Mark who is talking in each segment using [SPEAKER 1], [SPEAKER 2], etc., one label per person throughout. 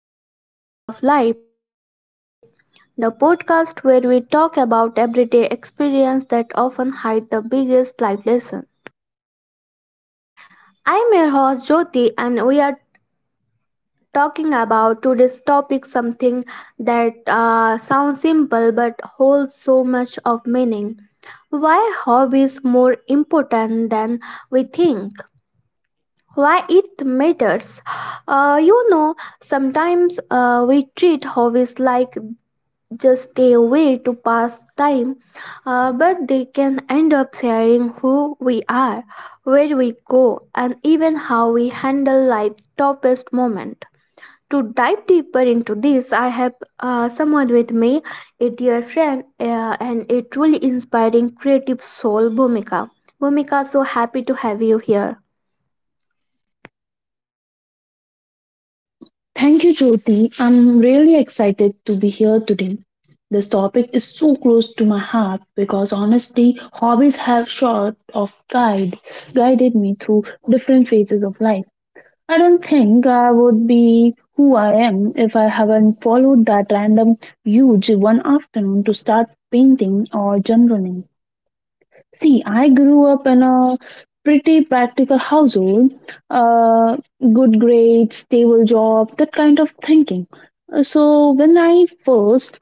[SPEAKER 1] everyone. Welcome back to Sparkle of Life, the podcast where we talk about everyday experience that often hide the biggest life lesson. I'm your host Jyoti, and we are talking about today's topic something that sounds simple but holds so much of meaning. Why hobbies more important than we think? Why it matters? Uh, you know, sometimes we treat hobbies like just stay away to pass time, but they can end up sharing who we are, where we go, and even how we handle life's toughest moment. To dive deeper into this, I have someone with me, a dear friend and a truly inspiring creative soul, Bhumika. Bhumika, so happy to have you here.
[SPEAKER 2] Thank you, Jyoti. I'm really excited to be here today. This topic is so close to my heart because honestly, hobbies have sort of guided me through different phases of life. I don't think I would be who I am if I haven't followed that random huge one afternoon to start painting or journaling. See, I grew up in a pretty practical household. Uh, Good grades, stable job, that kind of thinking. So when I first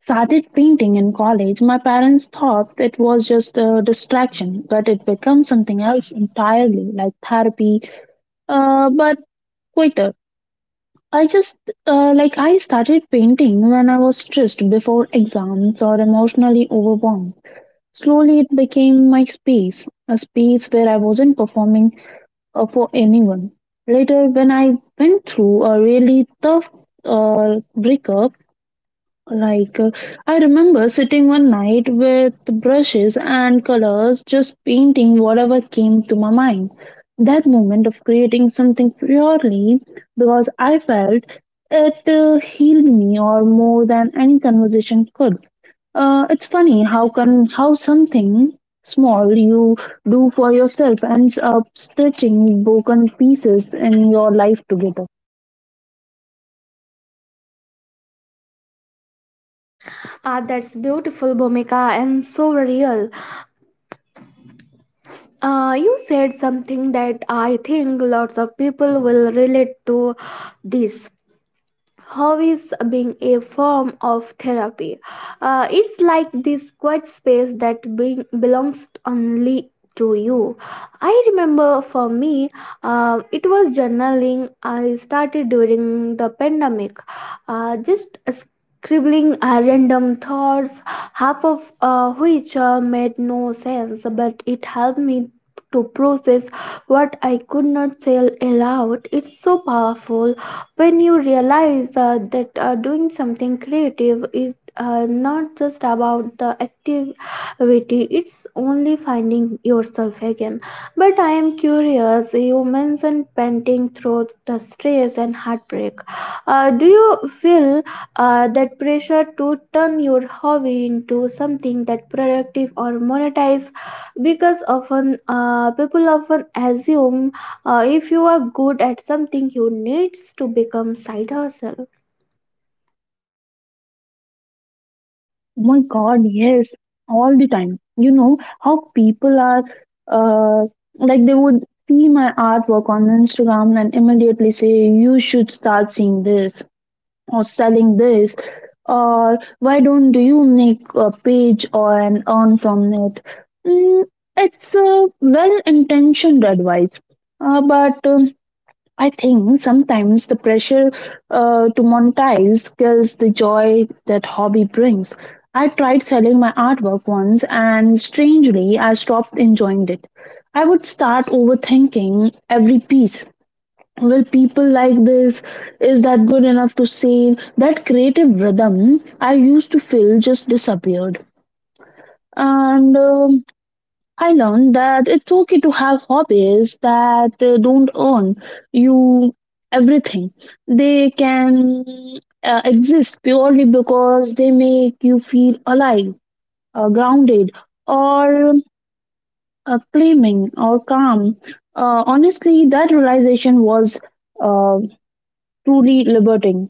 [SPEAKER 2] started painting in college, my parents thought it was just a distraction, but it became something else entirely, like therapy. But quicker. I just like I started painting when I was stressed before exams or emotionally overwhelmed. Slowly, it became my space, a space where I wasn't performing, for anyone. Later, when I went through a really tough breakup, like uh, I remember sitting one night with brushes and colors, just painting whatever came to my mind. That moment of creating something purely because I felt it healed me or more than any conversation could. It's funny how something small you do for yourself ends up stitching broken pieces in your life together.
[SPEAKER 1] Ah, that's beautiful, Bhumika, and so real. You said something that I think lots of people will relate to this hobbies being a form of therapy. It's like this quiet space that belongs only to you. I remember for me, it was journaling I started during the pandemic, just scribbling random thoughts, half of which made no sense, but it helped me to process what I could not say aloud. It's so powerful when you realize that doing something creative is not just about the activity it's only finding yourself again but I am curious you mentioned painting through the stress and heartbreak, do you feel that pressure to turn your hobby into something that productive or monetize because often people often assume, if you are good at something, you need to become side hustle.
[SPEAKER 2] Oh my God, yes, all the time. You know how people are, uh, like they would see my artwork on Instagram and immediately say you should start seeing this or selling this or why don't you make a page or and earn from it. Mm, it's a well-intentioned advice, but I think sometimes the pressure to monetize kills the joy that hobby brings. I tried selling my artwork once and strangely I stopped enjoying it. I would start overthinking every piece. Will people like this? Is that good enough to sing that creative rhythm I used to feel? Just disappeared. And I learned that it's okay to have hobbies that don't earn you everything. They can exist purely because they make you feel alive, grounded, or claiming or calm. Uh, honestly that realization was, uh, truly liberating.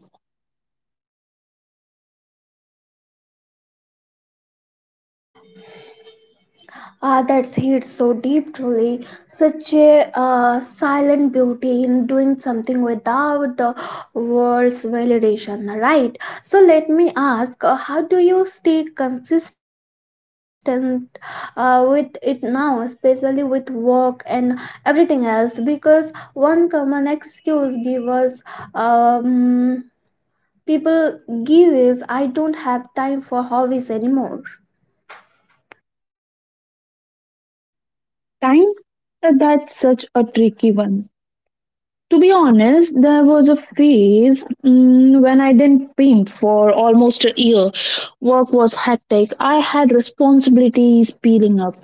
[SPEAKER 1] Ah, that's hit so deep, truly. Such a silent beauty in doing something without the world's validation, right? So let me ask, how do you stay consistent with it now, especially with work and everything else? Because one common excuse gives us um, people give is I don't have time for hobbies anymore.
[SPEAKER 2] Time? That's such a tricky one. To be honest, there was a phase, mm, when I didn't paint for almost a year. Work was hectic, I had responsibilities peeling up,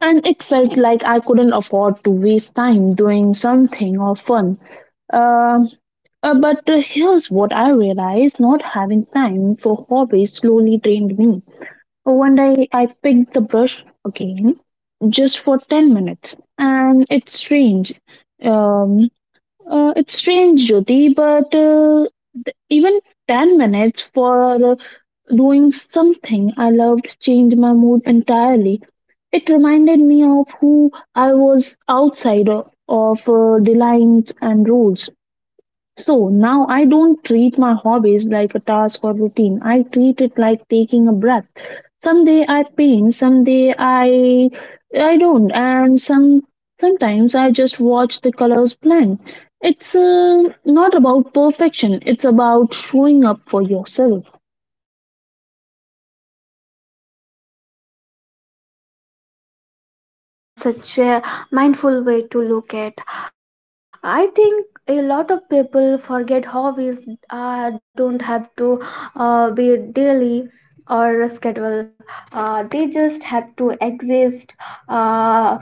[SPEAKER 2] and it felt like I couldn't afford to waste time doing something or fun. Um, but Here's what I realized: not having time for hobbies slowly drained me. One day I picked the brush again just for 10 minutes and it's strange. um it's strange, Jyoti, but even 10 minutes for doing something I loved changed my mood entirely. It reminded me of who I was outside of the lines and rules. So now I don't treat my hobbies like a task or routine. I treat it like taking a breath. Someday I paint, someday I don't, and sometimes I just watch the colors blend. It's not about perfection. It's about showing up for yourself.
[SPEAKER 1] Ah, that's such a mindful way to look at. I think a lot of people forget hobbies don't have to be daily or schedule. They just have to exist. Uh,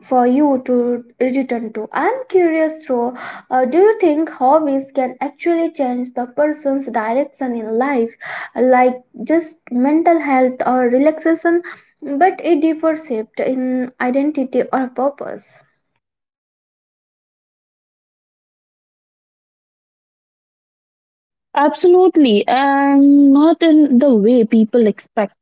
[SPEAKER 1] for you to return to. I'm curious though, do you think hobbies can actually change the person's direction in life, like just mental health or relaxation, but it differs shaped in identity or purpose?
[SPEAKER 2] Absolutely, and not in the way people expect.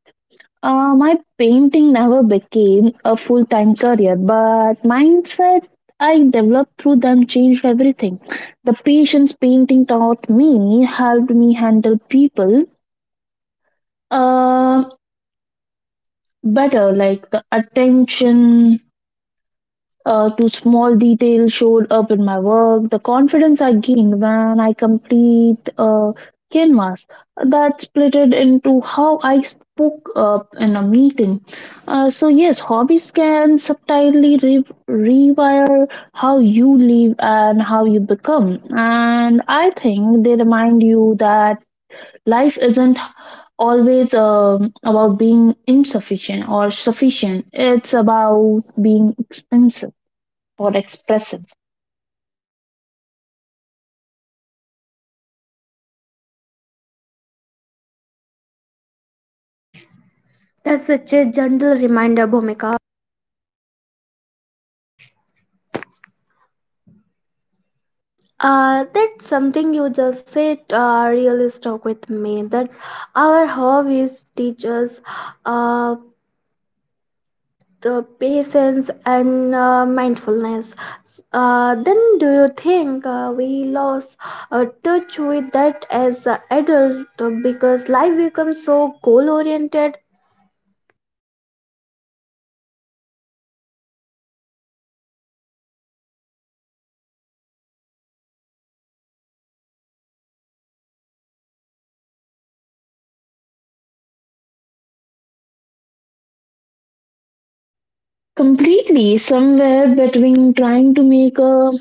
[SPEAKER 2] My painting never became a full time career, but mindset I developed through them changed everything. The patience painting taught me helped me handle people uh, better, like the attention to small details showed up in my work, the confidence I gained when I complete a canvas that split it into how I spoke up in a meeting. So yes, hobbies can subtly rewire how you live and how you become, and I think they remind you that life isn't always, about being insufficient or sufficient. It's about being expensive or expressive.
[SPEAKER 1] That's such a gentle reminder, Bhumika. That's something you just said really stuck with me that our hobbies teach us uh, the patience and mindfulness. Then, do you think we lost touch with that as adult because life becomes so goal oriented?
[SPEAKER 2] Completely somewhere between trying to make a,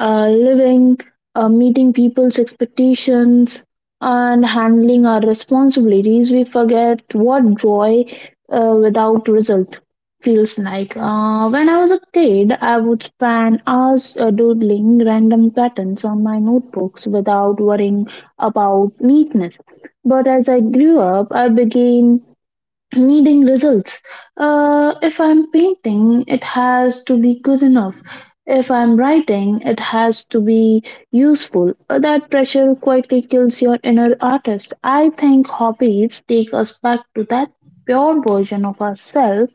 [SPEAKER 2] a living, meeting people's expectations, and handling our responsibilities, we forget what joy without result feels like. When I was a kid, I would spend hours doodling random patterns on my notebooks without worrying about neatness. But as I grew up, I began needing results. If I'm painting, it has to be good enough. If I'm writing, it has to be useful. That pressure quietly kills your inner artist. I think hobbies take us back to that pure version of ourselves,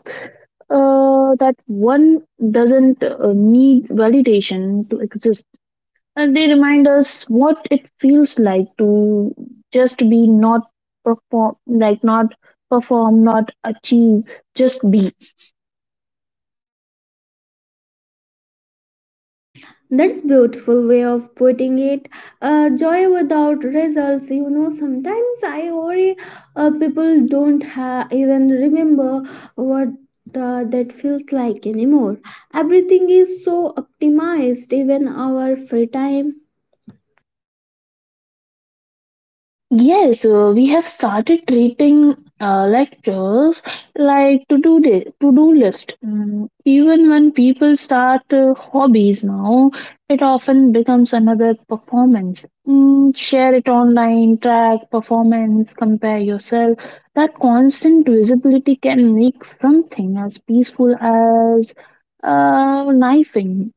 [SPEAKER 2] that one doesn't need validation to exist. And they remind us what it feels like to just be, not perform, like not perform, not achieve, just be.
[SPEAKER 1] That's beautiful way of putting it. Joy without results. You know, sometimes I worry people don't ha- even remember what that feels like anymore. Everything is so optimized, even our free time.
[SPEAKER 2] Yes, we have started treating lectures like to do day to do list. Mm, even when people start hobbies now, it often becomes another performance. Mm, share it online, track performance, compare yourself. That constant visibility can make something as peaceful as knifing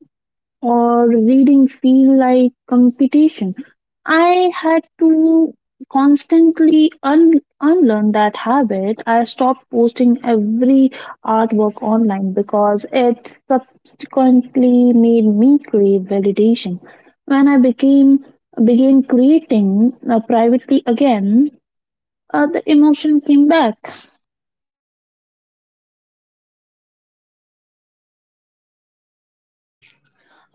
[SPEAKER 2] or reading feel like competition. I had to constantly unlearn that habit. I stopped posting every artwork online because it subsequently made me crave validation. When I became began creating privately again, the emotion came back.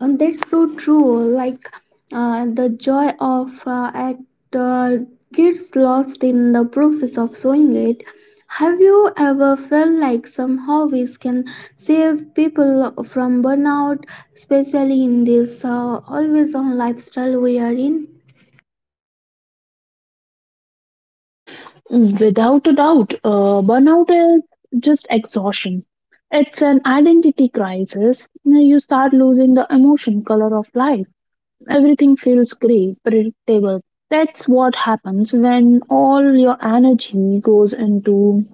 [SPEAKER 1] And that's so true. Like the joy of act uh, gets lost in the process of sewing it. Have you ever felt like some hobbies can save people from burnout, especially in this always on lifestyle we are in?
[SPEAKER 2] Without a doubt, burnout is just exhaustion. It's an identity crisis. Now you start losing the emotion color of life. Everything feels gray, predictable. That's what happens when all your energy goes into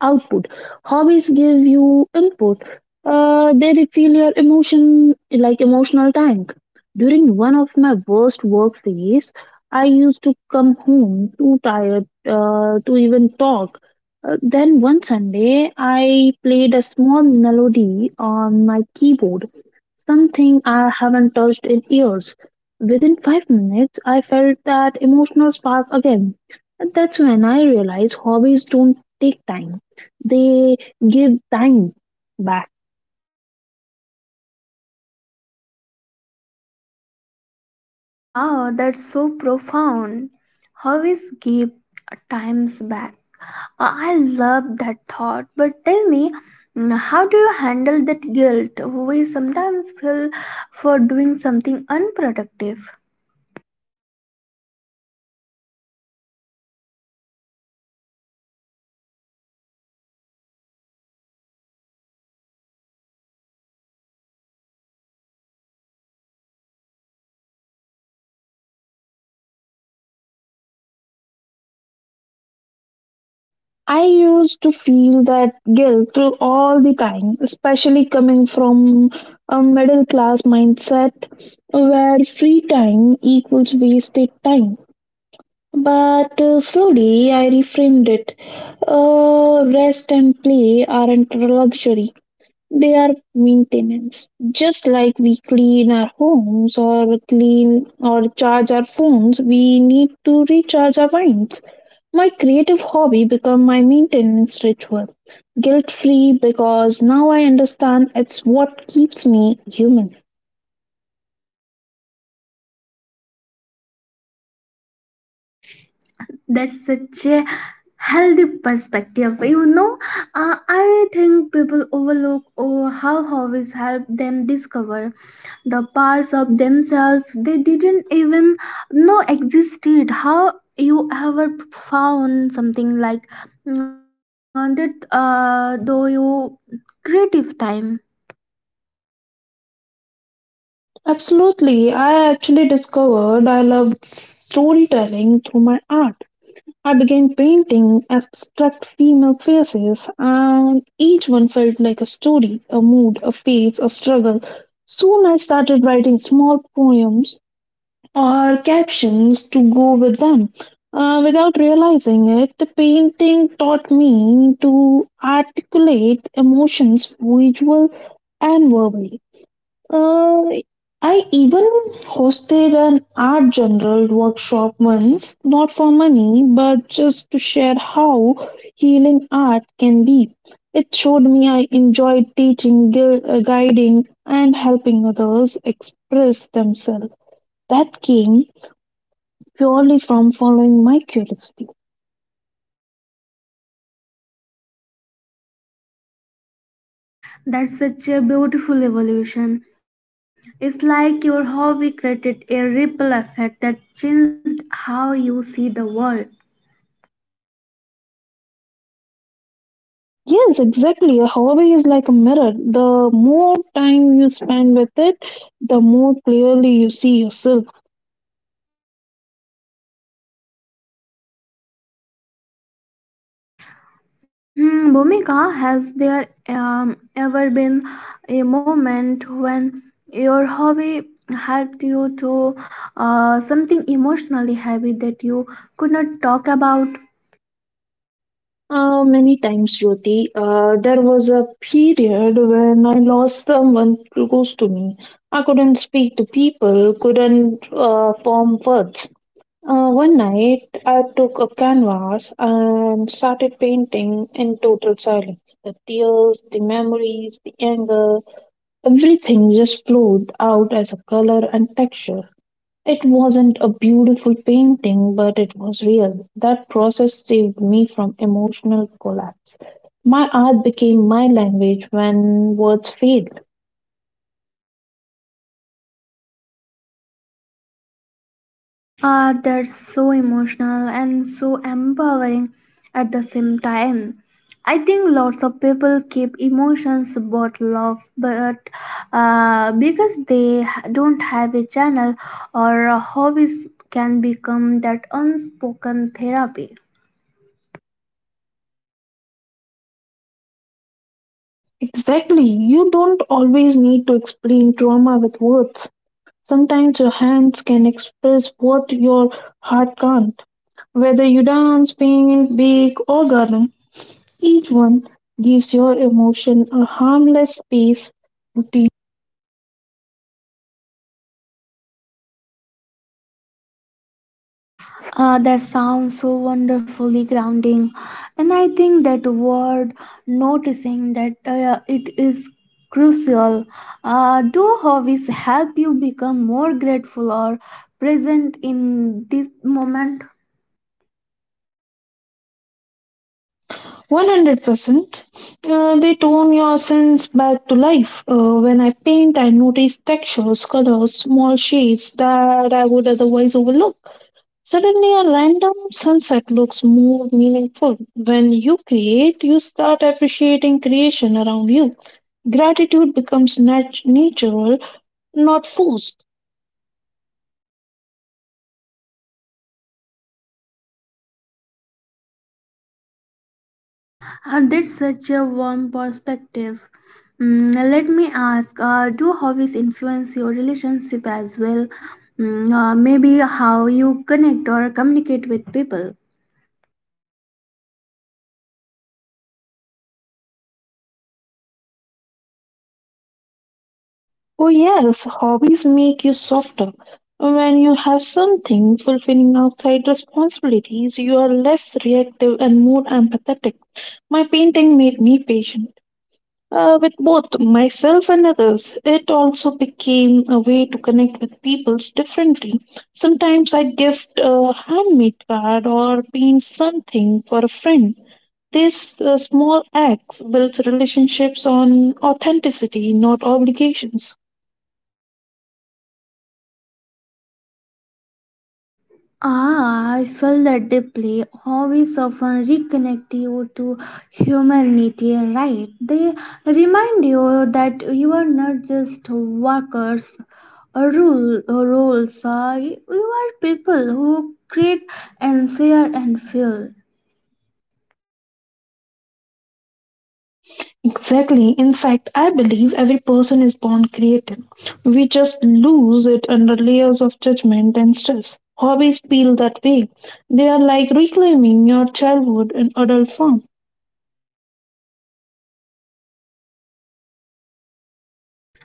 [SPEAKER 2] output. Hobbies give you input. They refill your emotion, like emotional tank. During one of my worst work days, I used to come home too tired to even talk. Then one Sunday, I played a small melody on my keyboard, something I haven't touched in years. Within 5 minutes, I felt that emotional spark again. And that's when I realized hobbies don't take time, they give time back.
[SPEAKER 1] Wow, that's so profound. Hobbies give times back. I love that thought, but tell me, how do you handle that guilt we sometimes feel for doing something unproductive?
[SPEAKER 2] I used to feel that guilt through all the time, especially coming from a middle class mindset where free time equals wasted time. But slowly I reframed it. Rest and play aren't luxury, they are maintenance. Just like we clean our homes or clean or charge our phones, we need to recharge our minds. My creative hobby become my maintenance ritual. Guilt free because now I understand it's what keeps me human.
[SPEAKER 1] That's such a healthy perspective. You know, I think people overlook oh, how hobbies help them discover the parts of themselves they didn't even know existed. How you ever found something like that, though you creative time?
[SPEAKER 2] Absolutely. I actually discovered I loved storytelling through my art. I began painting abstract female faces, and each one felt like a story, a mood, a phase, a struggle. Soon I started writing small poems or captions to go with them. Without realizing it, the painting taught me to articulate emotions visual and verbally. Uh, I even hosted an art general workshop once, not for money, but just to share how healing art can be. It showed me I enjoyed teaching, guiding, and helping others express themselves. That came purely from following my curiosity.
[SPEAKER 1] That's such a beautiful evolution. It's like your hobby created a ripple effect that changed how you see the world.
[SPEAKER 2] Yes, exactly. A hobby is like a mirror. The more time you spend with it, the more clearly you see yourself.
[SPEAKER 1] Hmm, Bhumika, has there ever been a moment when your hobby helped you to something emotionally heavy that you could not talk about?
[SPEAKER 2] Many times, Jyoti, there was a period when I lost someone close to me. I couldn't speak to people, couldn't form words. One night, I took a canvas and started painting in total silence. The tears, the memories, the anger, everything just flowed out as a color and texture. It wasn't a beautiful painting, but it was real. That process saved me from emotional collapse. My art became my language when words failed.
[SPEAKER 1] Ah, that's so emotional and so empowering at the same time. I think lots of people keep emotions bottled up, but because don't have a channel or a hobbies can become that unspoken therapy.
[SPEAKER 2] Exactly. You don't always need to explain trauma with words. Sometimes your hands can express what your heart can't. Whether you dance, paint, bake, or garden, each one gives your emotion a harmless space to deep.
[SPEAKER 1] That sounds so wonderfully grounding. And I think that word noticing that it is crucial. Do hobbies help you become more grateful or present in this moment?
[SPEAKER 2] 100%, they tone your sense back to life. When I paint, I notice textures, colors, small shades that I would otherwise overlook. Suddenly, a random sunset looks more meaningful. When you create, you start appreciating creation around you. Gratitude becomes natural, not forced.
[SPEAKER 1] That's such a warm perspective. Let me ask, do hobbies influence your relationship as well? Maybe how you connect or communicate with people?
[SPEAKER 2] Oh, yes, hobbies make you softer. When you have something fulfilling outside responsibilities, you are less reactive and more empathetic. My painting made me patient with both myself and others. It also became a way to connect with people differently. Sometimes I gift a handmade card or paint something for a friend. These small acts builds relationships on authenticity, not obligations.
[SPEAKER 1] Ah, I felt that deeply. Hobbies often reconnect you to humanity, right? They remind you that you are not just workers or rule or roles. You are people who create and share and feel.
[SPEAKER 2] Exactly. In fact, I believe every person is born creative. We just lose it under layers of judgment and stress. Hobbies feel that way. They are like reclaiming your childhood in adult form.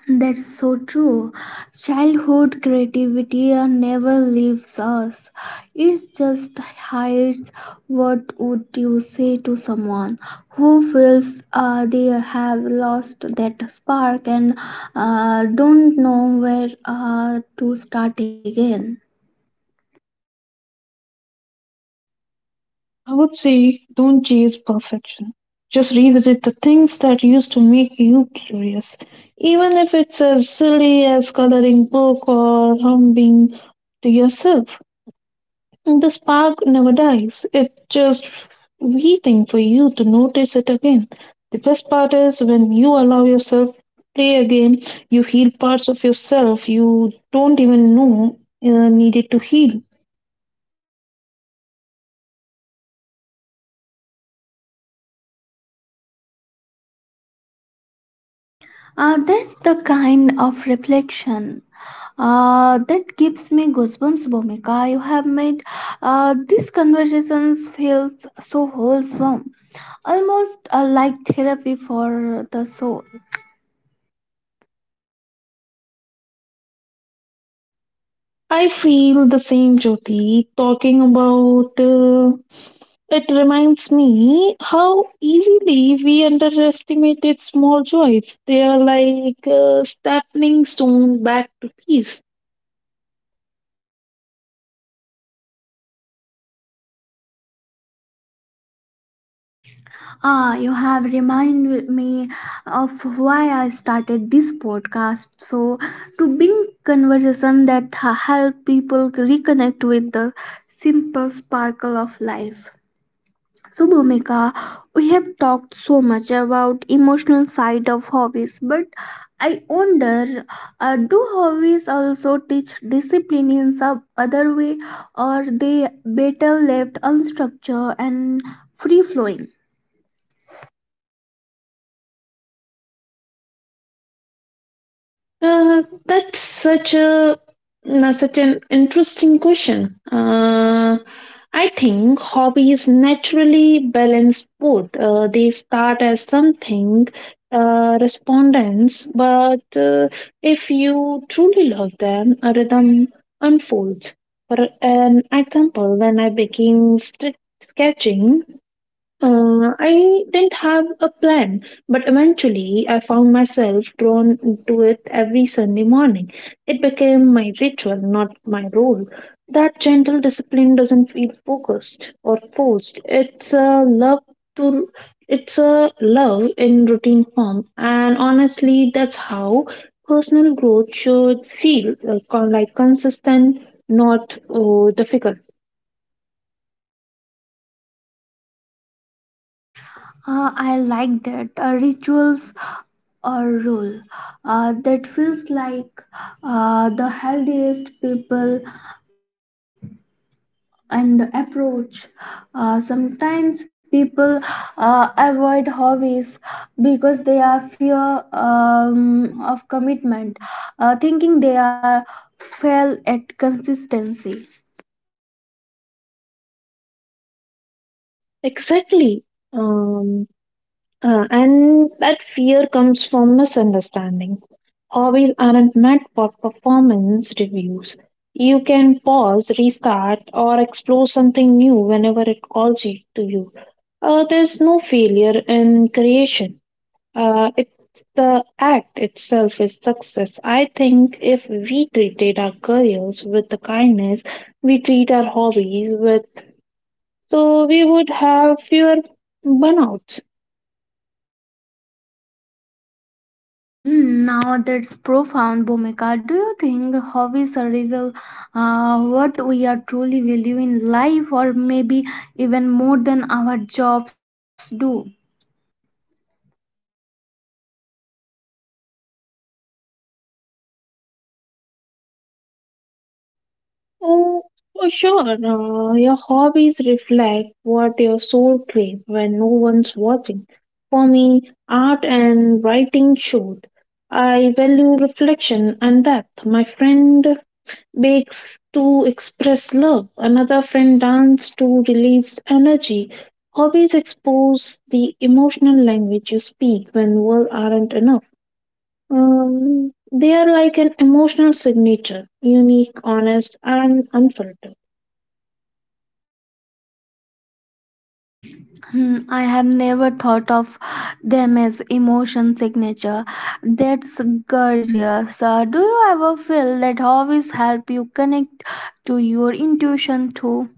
[SPEAKER 1] That's so true. Childhood creativity never leaves us. It just hides. What would you say to someone who feels they have lost that spark and don't know where to start again?
[SPEAKER 2] I would say don't chase perfection. Just revisit the things that used to make you curious. Even if it's as silly as coloring book or humming to yourself. The spark never dies, it's just waiting for you to notice it again. The best part is when you allow yourself to play a game, you heal parts of yourself you don't even know needed to heal.
[SPEAKER 1] That's the kind of reflection that gives me goosebumps, Bhumika. You have made these conversations feel so wholesome. Almost like therapy for the soul.
[SPEAKER 2] I feel the same, Jyoti. Talking about it reminds me how easily we underestimated small joys. They are like a stepping stone back to peace.
[SPEAKER 1] Ah, you have reminded me of why I started this podcast. So, to bring conversation that help people reconnect with the simple sparkle of life. So Bhumika, we have talked so much about emotional side of hobbies, but I wonder, do hobbies also teach discipline in some other way, or they better left unstructured and free flowing?
[SPEAKER 2] That's such a no, such an interesting question. I think hobbies naturally balance both. They start as something respondents, but if you truly love them, a rhythm unfolds. For an example, when I began strict sketching, I didn't have a plan, but eventually I found myself drawn to it every Sunday morning. It became my ritual, not my role. That gentle discipline doesn't feel focused or forced. To it's a love in routine form, and honestly, that's how personal growth should feel like consistent, not difficult.
[SPEAKER 1] I like that rituals or rule that feels like the healthiest people and the approach. Sometimes people avoid hobbies because they are fear of commitment, thinking they are fail at consistency.
[SPEAKER 2] Exactly. Um, and that fear comes from misunderstanding. Hobbies aren't meant for performance reviews. You can pause, restart, or explore something new whenever it calls you to you. There's no failure in creation. It's the act itself is success. I think if we treated our careers with the kindness we treat our hobbies with, so we would have fewer burnouts.
[SPEAKER 1] Hmm, now that's profound, Bhumika. Do you think hobbies reveal what we are truly value in life, or maybe even more than our jobs do?
[SPEAKER 2] Oh, for sure. Your hobbies reflect what your soul craves when no one's watching. For me, art and writing showed. I value reflection and depth. My friend bakes to express love. Another friend dances to release energy. Hobbies expose the emotional language you speak when words aren't enough. They are like an emotional signature, unique, honest, and unfiltered.
[SPEAKER 1] Hmm, I have never thought of them as emotion signature. That's gorgeous. Do you ever feel that hobbies help you connect to your intuition too?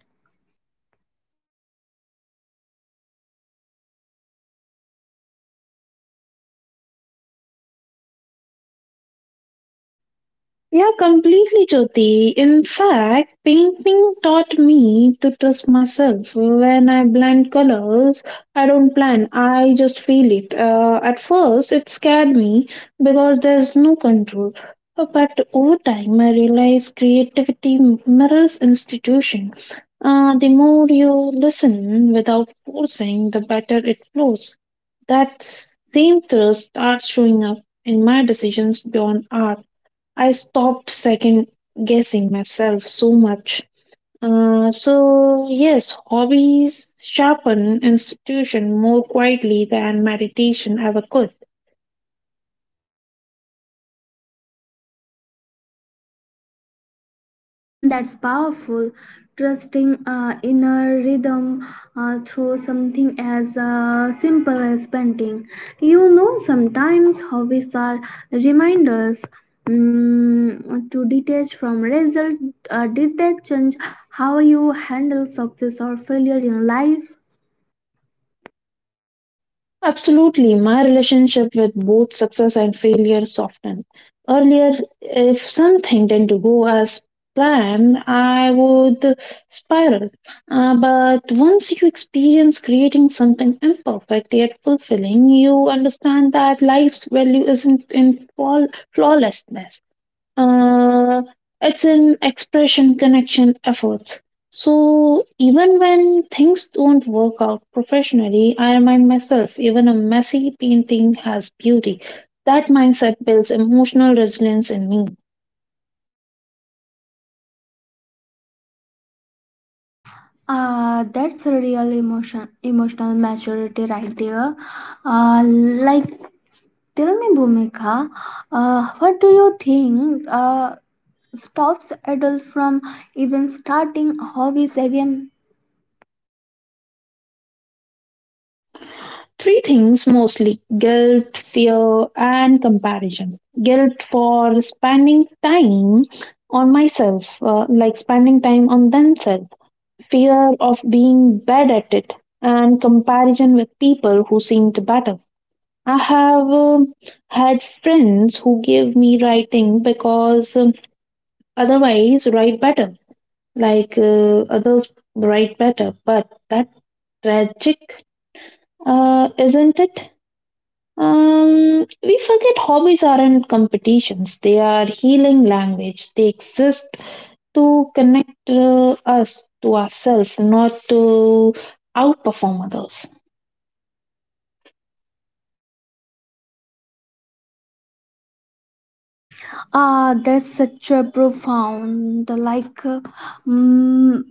[SPEAKER 2] Yeah, completely, Jyoti. In fact, painting taught me to trust myself. When I blend colors, I don't plan, I just feel it. At first, it scared me because there's no control. But over time, I realized creativity mirrors institution. The more you listen without forcing, the better it flows. That same trust starts showing up in my decisions beyond art. I stopped second guessing myself so much. So yes, hobbies sharpen institution more quietly than meditation ever could.
[SPEAKER 1] That's powerful trusting inner rhythm through something as simple as painting. You know, sometimes hobbies are reminders, to detach from result. Did that change how you handle success or failure in life?
[SPEAKER 2] Absolutely. My relationship with both success and failure softened. Earlier, if something didn't go as planned, I would spiral. But once you experience creating something imperfect yet fulfilling, you understand that life's value isn't in flawlessness, uh, it's an expression connection efforts. So even when things don't work out professionally I remind myself even a messy painting has beauty. That mindset builds emotional resilience in me.
[SPEAKER 1] That's a real emotional maturity right there. Like, tell me Bhumika, what do you think stops adults from even starting hobbies again?
[SPEAKER 2] Three things mostly: guilt, fear and comparison. Guilt for spending time on myself, like spending time on themselves, fear of being bad at it, and comparison with people who seemed better. I have, had friends who gave me writing because, otherwise write better, like others write better. But that tragic, isn't it? We forget hobbies aren't competitions. They are healing language. They exist to connect us to ourselves, not to outperform others.
[SPEAKER 1] Ah, that's such a profound, mm,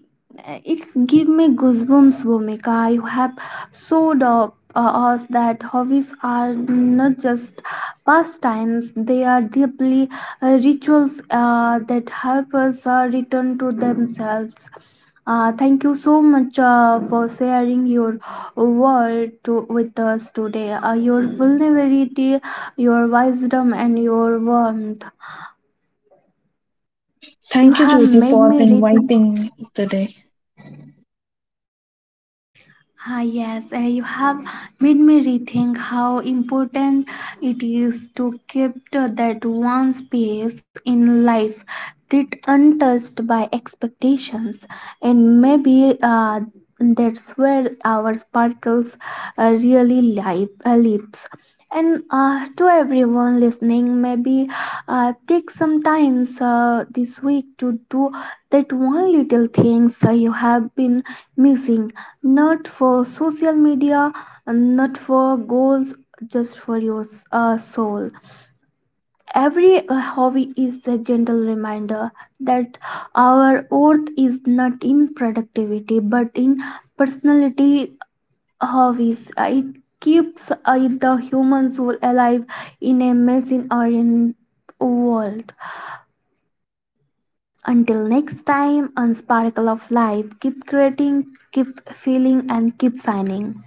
[SPEAKER 1] it's give me goosebumps, Bhumika. You have showed up us that hobbies are not just pastimes; they are deeply rituals that help us return to themselves. Thank you so much for sharing your world to, with us today. Your vulnerability, your wisdom, and your warmth, you
[SPEAKER 2] Thank you,
[SPEAKER 1] have
[SPEAKER 2] Jyoti,
[SPEAKER 1] made
[SPEAKER 2] for
[SPEAKER 1] me rethink.
[SPEAKER 2] inviting today.
[SPEAKER 1] Ah, yes, you have made me rethink how important it is to keep to that one space in life that untouched by expectations, and maybe that's where our sparkles really lives. And to everyone listening, maybe take some time this week to do that one little things you have been missing, not for social media, not for goals, just for your soul. Every hobby is a gentle reminder that our worth is not in productivity but in personality hobbies. It keeps the human soul alive in a machine oriented world. Until next time, on Sparkle of Life, keep creating, keep feeling, and keep signing.